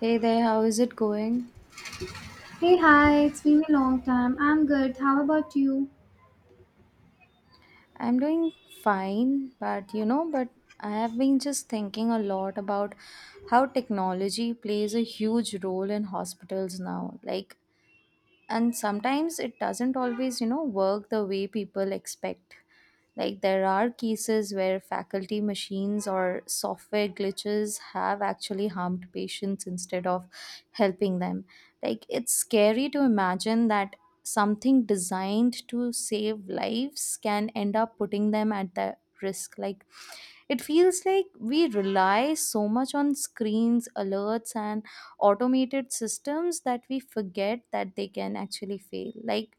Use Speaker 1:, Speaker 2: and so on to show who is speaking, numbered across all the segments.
Speaker 1: Hey there, how is it going?
Speaker 2: Hey, hi, it's been a long time. I'm good. How about you?
Speaker 1: I'm doing fine, but I have been just thinking a lot about how technology plays a huge role in hospitals now. And sometimes it doesn't always, work the way people expect. Like there are cases where faculty machines or software glitches have actually harmed patients instead of helping them. Like it's scary to imagine that something designed to save lives can end up putting them at the risk. Like it feels like we rely so much on screens, alerts, and automated systems that we forget that they can actually fail. Like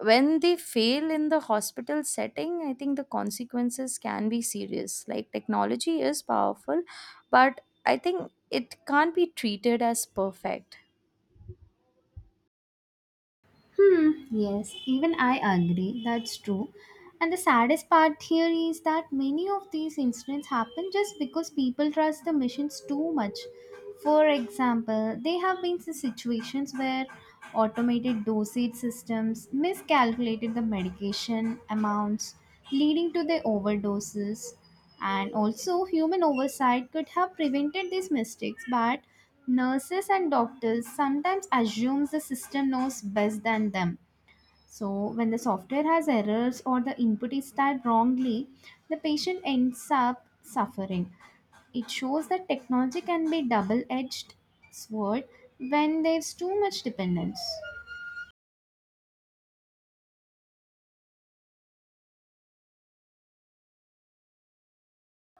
Speaker 1: when they fail in the hospital setting I think the consequences can be serious. Like technology is powerful, but I think it can't be treated as perfect.
Speaker 2: Hmm, yes, even I agree. That's true. And the saddest part here is that many of these incidents happen just because people trust the machines too much. For example, there have been some situations where automated dosage systems miscalculated the medication amounts, leading to the overdoses. And also, human oversight could have prevented these mistakes, but nurses and doctors sometimes assume the system knows best than them. So, when the software has errors or the input is typed wrongly, the patient ends up suffering. It shows that technology can be double-edged sword when there's too much dependence.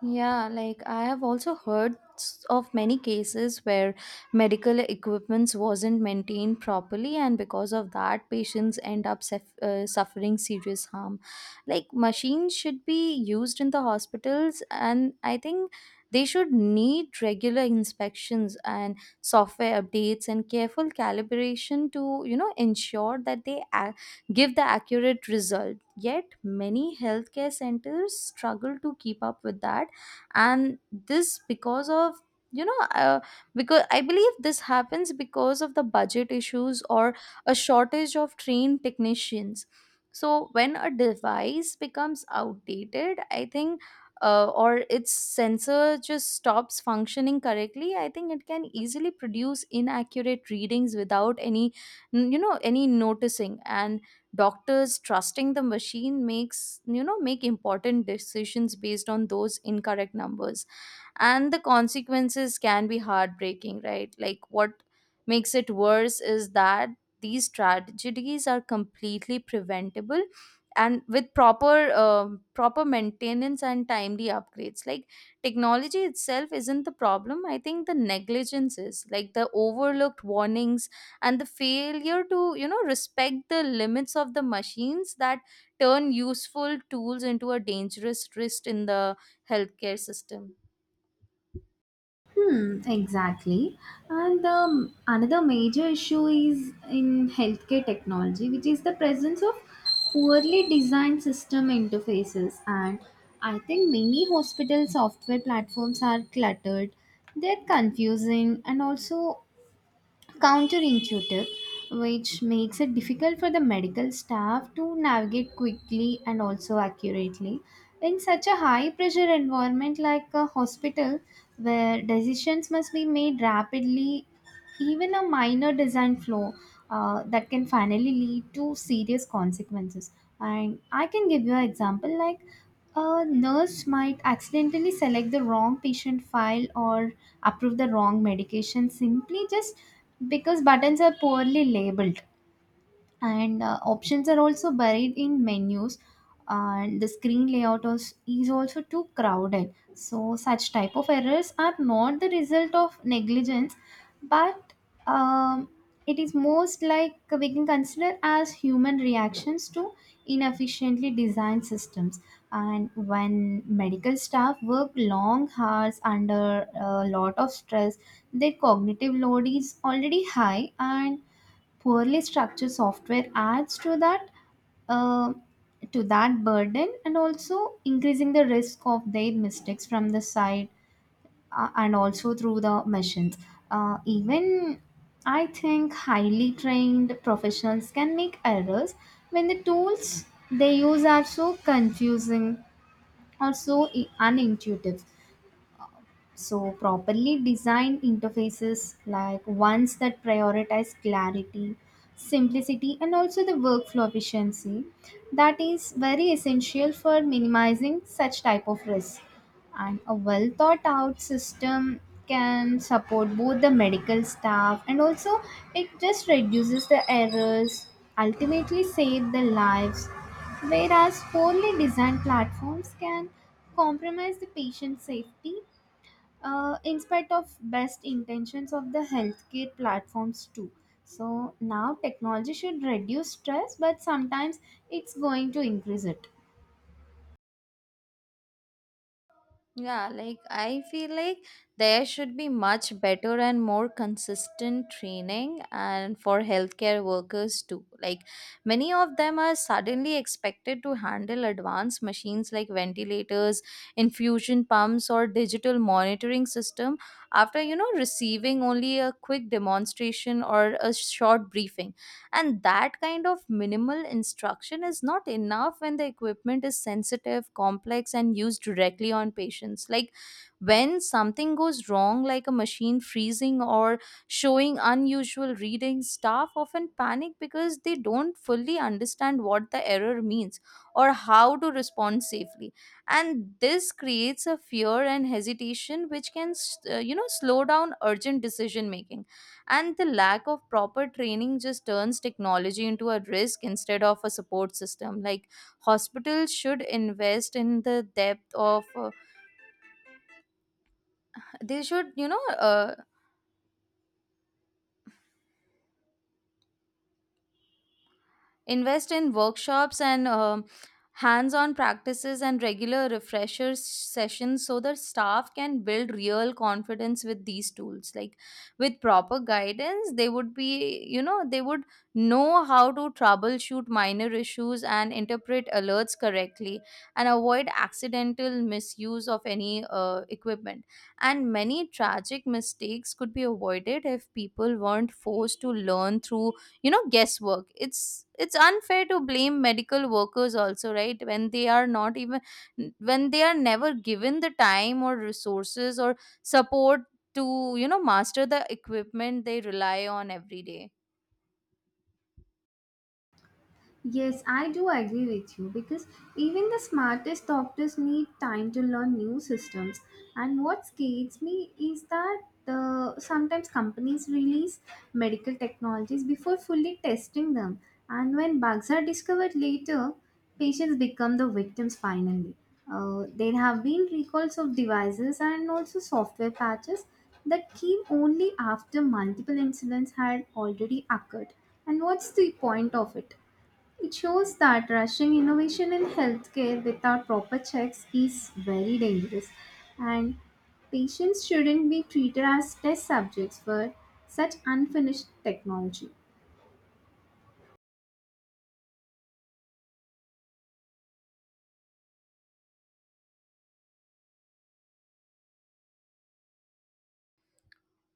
Speaker 1: Yeah, like I have also heard of many cases where medical equipments wasn't maintained properly, and because of that, patients end up suffering serious harm. Like machines should be used in the hospitals, and I think they should need regular inspections and software updates and careful calibration to ensure that they give the accurate result. Yet many healthcare centers struggle to keep up with that, and this because of you know uh, because I believe this happens because of the budget issues or a shortage of trained technicians. So when a device becomes outdated, I think or its sensor just stops functioning correctly, I think it can easily produce inaccurate readings without any you know any noticing. And doctors trusting the machine makes you know make important decisions based on those incorrect numbers, and the consequences can be heartbreaking, right? Like what makes it worse is that these tragedies are completely preventable, and with proper maintenance and timely upgrades. Like technology itself isn't the problem, I think the negligence is, like the overlooked warnings and the failure to respect the limits of the machines that turn useful tools into a dangerous risk in the healthcare system.
Speaker 2: Hmm, exactly. And another major issue is in healthcare technology, which is the presence of poorly designed system interfaces. And I think many hospital software platforms are cluttered, they're confusing, and also counterintuitive, which makes it difficult for the medical staff to navigate quickly and also accurately. In such a high pressure environment like a hospital, where decisions must be made rapidly, even a minor design flaw that can finally lead to serious consequences. And I can give you an example like a nurse might accidentally select the wrong patient file or approve the wrong medication simply just because buttons are poorly labeled and options are also buried in menus. And the screen layout is also too crowded. So such type of errors are not the result of negligence, but um, it is most like we can consider as human reactions to inefficiently designed systems. And when medical staff work long hours under a lot of stress, their cognitive load is already high, and poorly structured software adds to that uh, to that burden and also increasing the risk of their mistakes from the side, and also through the machines. Even I think highly trained professionals can make errors when the tools they use are so confusing or so unintuitive. So, properly designed interfaces like ones that prioritize clarity, simplicity, and also the workflow efficiency, that is very essential for minimizing such type of risk. And a well thought out system can support both the medical staff and also it just reduces the errors, ultimately save the lives. Whereas poorly designed platforms can compromise the patient safety in spite of best intentions of the healthcare platforms too. So now technology should reduce stress, but sometimes it's going to increase it.
Speaker 1: Yeah, like I feel like there should be much better and more consistent training and for healthcare workers too. Like many of them are suddenly expected to handle advanced machines like ventilators, infusion pumps or digital monitoring system after receiving only a quick demonstration or a short briefing, and that kind of minimal instruction is not enough when the equipment is sensitive, complex and used directly on patients. Like when something goes wrong, like a machine freezing or showing unusual readings, staff often panic because they don't fully understand what the error means or how to respond safely, and this creates a fear and hesitation which can you know slow down urgent decision making. And the lack of proper training just turns technology into a risk instead of a support system. Like hospitals should invest in the depth of they should invest in workshops and hands on practices and regular refresher sessions so the staff can build real confidence with these tools. Like with proper guidance, they would be, you know, they would know how to troubleshoot minor issues and interpret alerts correctly and avoid accidental misuse of any equipment. And many tragic mistakes could be avoided if people weren't forced to learn through guesswork. It's unfair to blame medical workers also, right, when they are never given the time or resources or support to master the equipment they rely on every day.
Speaker 2: Yes, I do agree with you, because even the smartest doctors need time to learn new systems. And what scares me is that the sometimes companies release medical technologies before fully testing them. And when bugs are discovered later, patients become the victims finally. There have been recalls of devices and also software patches that came only after multiple incidents had already occurred. And what's the point of it? It shows that rushing innovation in healthcare without proper checks is very dangerous, and patients shouldn't be treated as test subjects for such unfinished technology.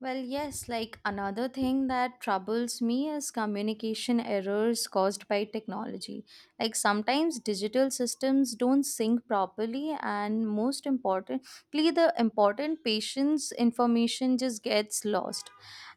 Speaker 1: Well, yes, like another thing that troubles me is communication errors caused by technology. Like sometimes digital systems don't sync properly, and most importantly, the important patient's information just gets lost.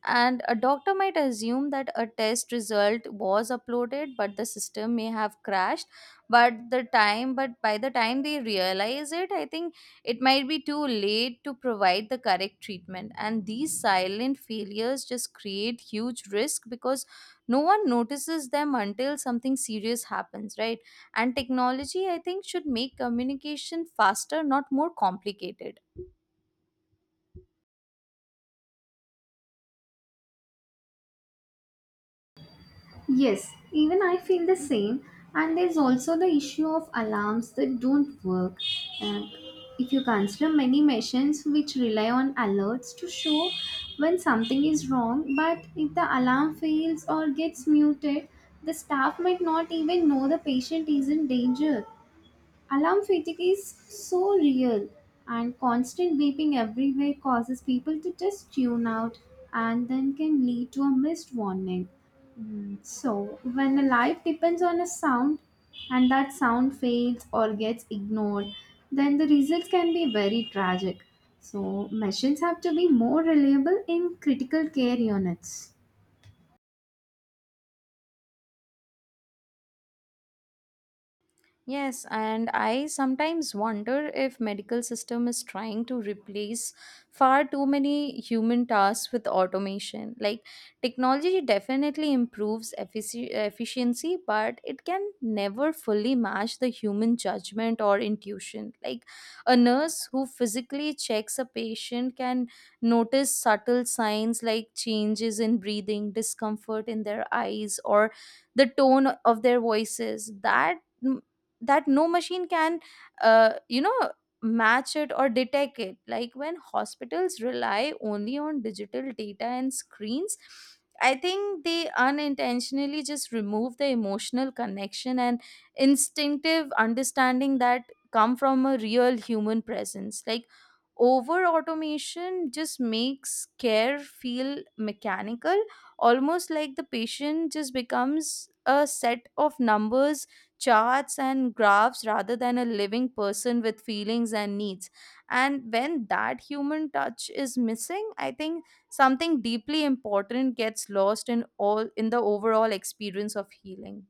Speaker 1: And a doctor might assume that a test result was uploaded, but the system may have crashed. But by the time they realize it, I think it might be too late to provide the correct treatment, and these silent failures just create huge risk because no one notices them until something serious happens, right? And technology, I think, should make communication faster, not more complicated.
Speaker 2: Yes, even I feel the same. And there's also the issue of alarms that don't work. And if you consider many machines which rely on alerts to show when something is wrong, but if the alarm fails or gets muted, the staff might not even know the patient is in danger. Alarm fatigue is so real, and constant beeping everywhere causes people to just tune out and then can lead to a missed warning. Mm. So, when a life depends on a sound and that sound fails or gets ignored, then the results can be very tragic. So, machines have to be more reliable in critical care units.
Speaker 1: Yes, and I sometimes wonder if medical system is trying to replace far too many human tasks with automation. Like technology definitely improves efficiency, but it can never fully match the human judgment or intuition. Like a nurse who physically checks a patient can notice subtle signs like changes in breathing, discomfort in their eyes, or the tone of their voices. That no machine can you know match it or detect it. Like when hospitals rely only on digital data and screens, I think they unintentionally just remove the emotional connection and instinctive understanding that come from a real human presence. Like over automation just makes care feel mechanical, almost like the patient just becomes a set of numbers, charts and graphs rather than a living person with feelings and needs. And when that human touch is missing, I think something deeply important gets lost in all in the overall experience of healing.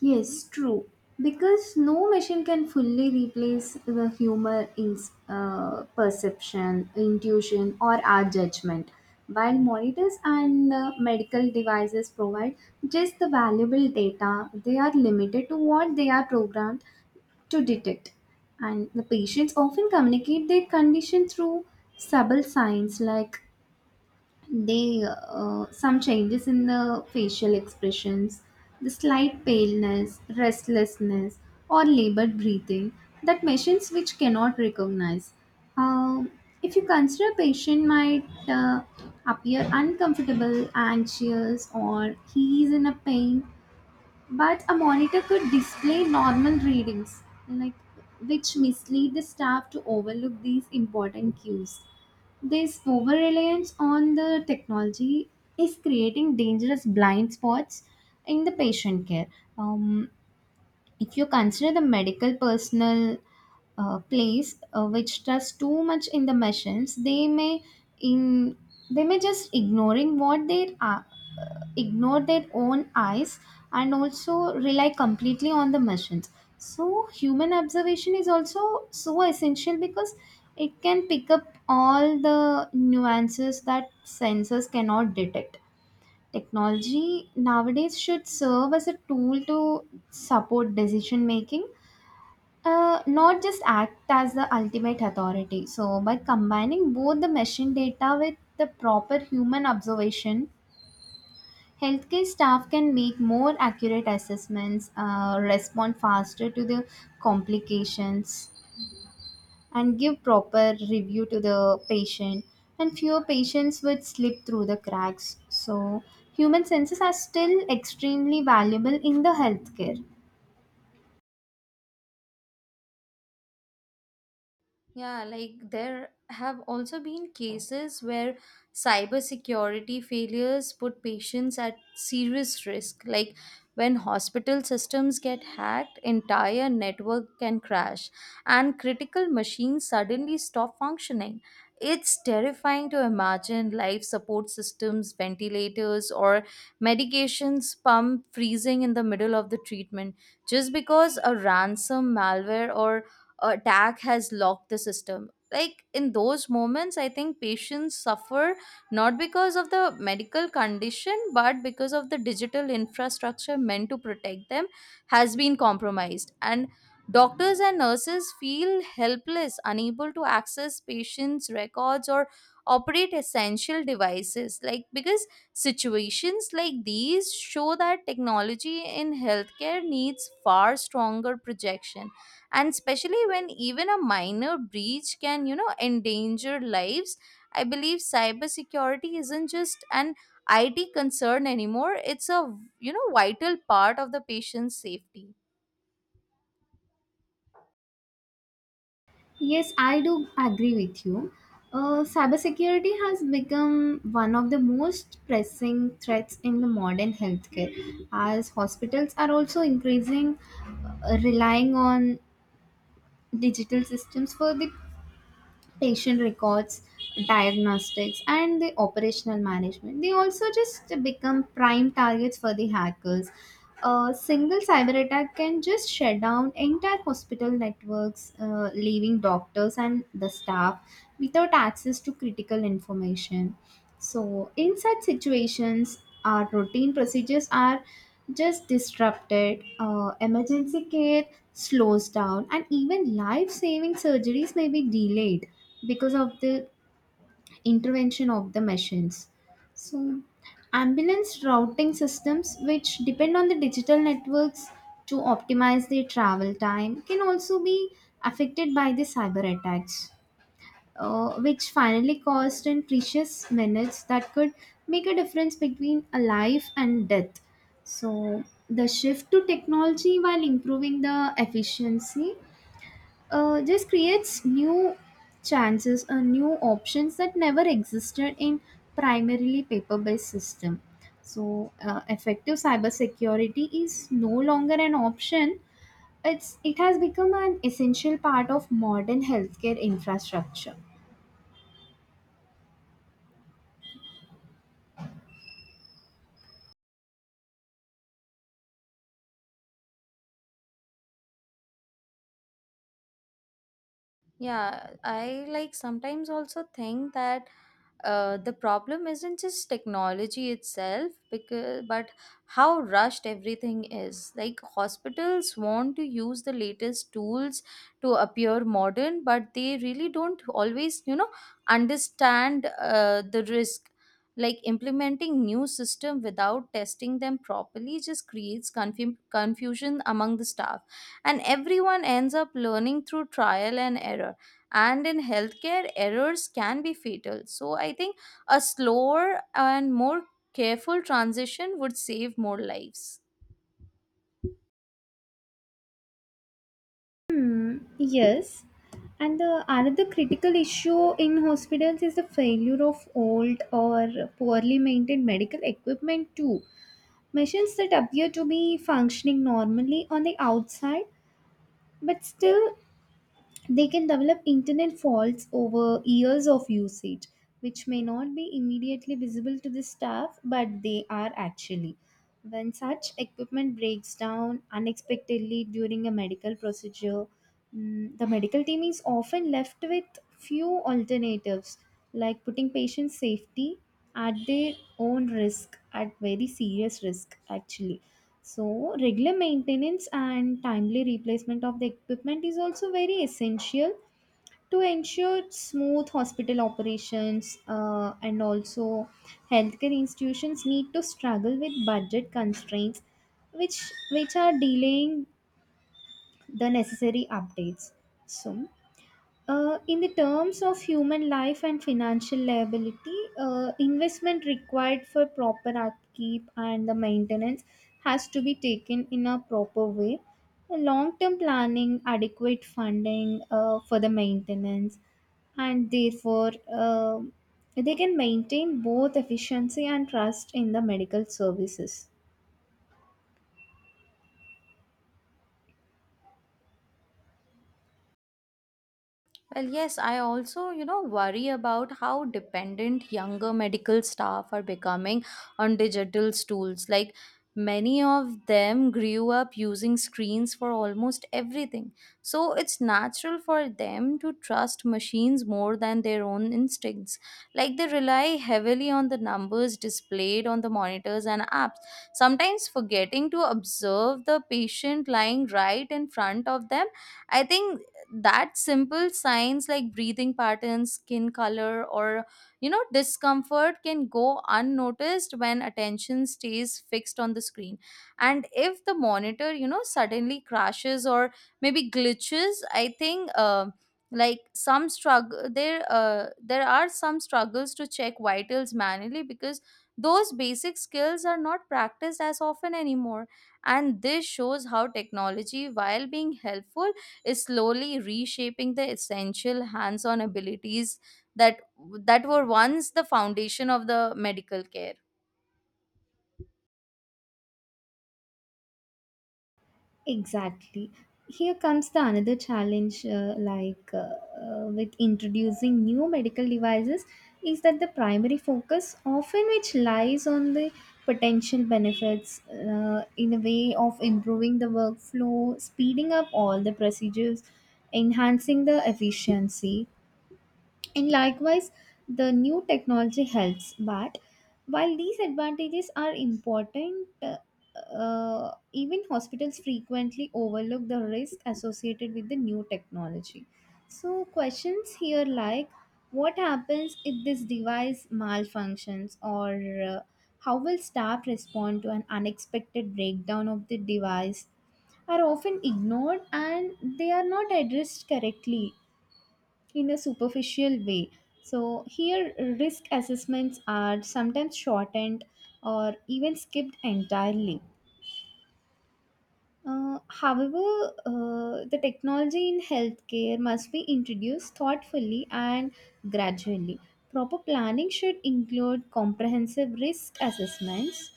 Speaker 2: Yes, true. Because no machine can fully replace the humor in perception, intuition, or our judgment. While monitors and medical devices provide just the valuable data, they are limited to what they are programmed to detect. And the patients often communicate their condition through subtle signs like they some changes in the facial expressions, the slight paleness, restlessness, or labored breathing that machines which cannot recognize. um, if you consider a patient might appear uncomfortable, anxious, or he is in a pain, but a monitor could display normal readings, like which mislead the staff to overlook these important cues. This over reliance on the technology is creating dangerous blind spots in the patient care. Um, if you consider the medical personnel place which trust too much in the machines, they may in they may just ignoring what they are ignore their own eyes and also rely completely on the machines. So human observation is also so essential because it can pick up all the nuances that sensors cannot detect. Technology nowadays should serve as a tool to support decision making, not just act as the ultimate authority. So by combining both the machine data with the proper human observation, healthcare staff can make more accurate assessments, respond faster to the complications, and give proper review to the patient. And fewer patients would slip through the cracks. So, human senses are still extremely valuable in the healthcare.
Speaker 1: Yeah, like there have also been cases where cybersecurity failures put patients at serious risk. Like when hospital systems get hacked, entire network can crash and critical machines suddenly stop functioning. It's terrifying to imagine life support systems, ventilators, or medications pump freezing in the middle of the treatment just because a ransom malware or attack has locked the system. Like in those moments I think patients suffer not because of the medical condition but because of the digital infrastructure meant to protect them has been compromised, and doctors and nurses feel helpless, unable to access patients records or operate essential devices. Like because situations like these show that technology in healthcare needs far stronger projection, and especially when even a minor breach can endanger lives, I believe cybersecurity isn't just an IT concern anymore. It's a, you know, vital part of the patient's safety.
Speaker 2: Yes, I do agree with you. Cybersecurity has become one of the most pressing threats in the modern healthcare, as hospitals are also increasing relying on digital systems for the patient records, diagnostics, and the operational management. They also just become prime targets for the hackers. A single cyber attack can just shut down entire hospital networks, leaving doctors and the staff without access to critical information. So, in such situations, our routine procedures are just disrupted, emergency care slows down, and even life saving surgeries may be delayed because of the intervention of the machines. So, ambulance routing systems, which depend on the digital networks to optimize their travel time, can also be affected by the cyber attacks, which finally cost in precious minutes that could make a difference between a life and death. So, the shift to technology while improving the efficiency just creates new chances or new options that never existed in primarily paper based system. So effective cybersecurity is no longer an option. It has become an essential part of modern healthcare infrastructure.
Speaker 1: Yeah, I like sometimes also think that the problem isn't just technology itself, because but how rushed everything is. Like hospitals want to use the latest tools to appear modern, but they really don't always you know understand the risk. Like implementing new system without testing them properly just creates confusion among the staff, and everyone ends up learning through trial and error, and in healthcare errors can be fatal. So I think a slower and more careful transition would save more lives.
Speaker 2: Hmm, yes. And the another critical issue in hospitals is the failure of old or poorly maintained medical equipment too. Machines that appear to be functioning normally on the outside, but still they can develop internet faults over years of usage, which may not be immediately visible to the staff, but they are actually. When such equipment breaks down unexpectedly during a medical procedure, mm, the medical team is often left with few alternatives, like putting patient safety at their own risk, at very serious risk, actually. So, regular maintenance and timely replacement of the equipment is also very essential to ensure smooth hospital operations, and also healthcare institutions need to struggle with budget constraints, which which are delaying the necessary updates. So, in the terms of human life and financial liability, investment required for proper upkeep and the maintenance has to be taken in a proper way. Long term planning, adequate funding for the maintenance, and therefore um they can maintain both efficiency and trust in the medical services.
Speaker 1: Well, yes, I also, you know, worry about how dependent younger medical staff are becoming on digital tools. Like many of them grew up using screens for almost everything, so it's natural for them to trust machines more than their own instincts. Like they rely heavily on the numbers displayed on the monitors and apps, sometimes forgetting to observe the patient lying right in front of them. I think that simple signs like breathing patterns, skin color or you know discomfort can go unnoticed when attention stays fixed on the screen. And if the monitor you know suddenly crashes or maybe glitches, I think like some struggle there there are some struggles to check vitals manually because those basic skills are not practiced as often anymore. And this shows how technology, while being helpful, is slowly reshaping the essential hands-on abilities that were once the foundation of the medical care.
Speaker 2: Exactly. Here comes the another challenge, like with introducing new medical devices, is that the primary focus often which lies on the potential benefits in a way of improving the workflow, speeding up all the procedures, enhancing the efficiency and likewise, the new technology helps, but while these advantages are important, even hospitals frequently overlook the risk associated with the new technology. So, questions here like what happens if this device malfunctions, or uh, how will staff respond to an unexpected breakdown of the device? Are often ignored and they are not addressed correctly in a superficial way. So, here risk assessments are sometimes shortened or even skipped entirely. However, the technology in healthcare must be introduced thoughtfully and gradually. Proper planning should include comprehensive risk assessments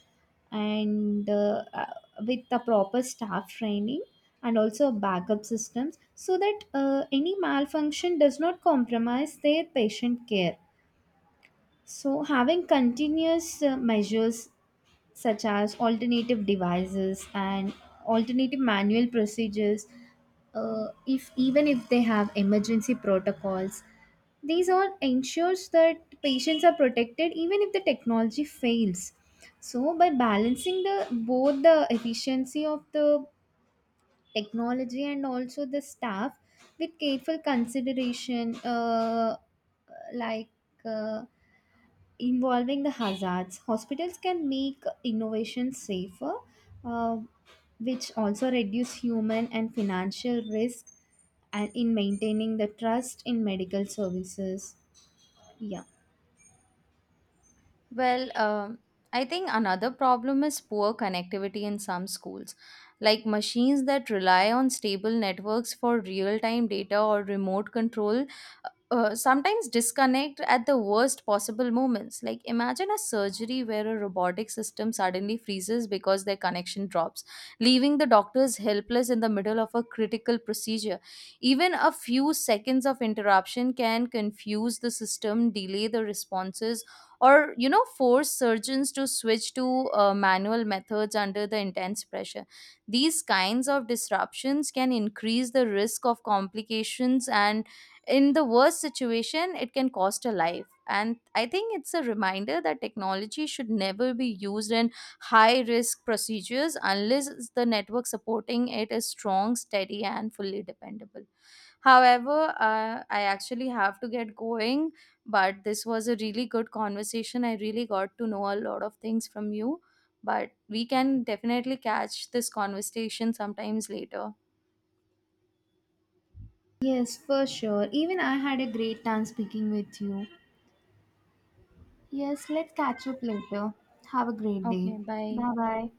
Speaker 2: and with the proper staff training and also backup systems so that any malfunction does not compromise their patient care. So, having continuous measures such as alternative devices and alternative manual procedures if even if they have emergency protocols, these all ensures that patients are protected even if the technology fails. So by balancing the both the efficiency of the technology and also the staff with careful consideration, like uh, involving the hazards, hospitals can make innovation safer, uh, which also reduce human and financial risk and in maintaining the trust in medical services. Yeah,
Speaker 1: Well, I think another problem is poor connectivity in some schools. Like machines that rely on stable networks for real time data or remote control sometimes disconnect at the worst possible moments. Like imagine a surgery where a robotic system suddenly freezes because their connection drops, leaving the doctors helpless in the middle of a critical procedure. Even a few seconds of interruption can confuse the system, delay the responses, or you know force surgeons to switch to manual methods under the intense pressure. These kinds of disruptions can increase the risk of complications, and in the worst situation it can cost a life. And I think it's a reminder that technology should never be used in high risk procedures unless the network supporting it is strong, steady and fully dependable. However, I actually have to get going, but this was a really good conversation. I really got to know a lot of things from you, but we can definitely catch this conversation sometimes later.
Speaker 2: yes, for sure, even I had a great time speaking with you. Yes, let's catch up later. Have a great day.
Speaker 1: Okay, bye.
Speaker 2: Bye bye.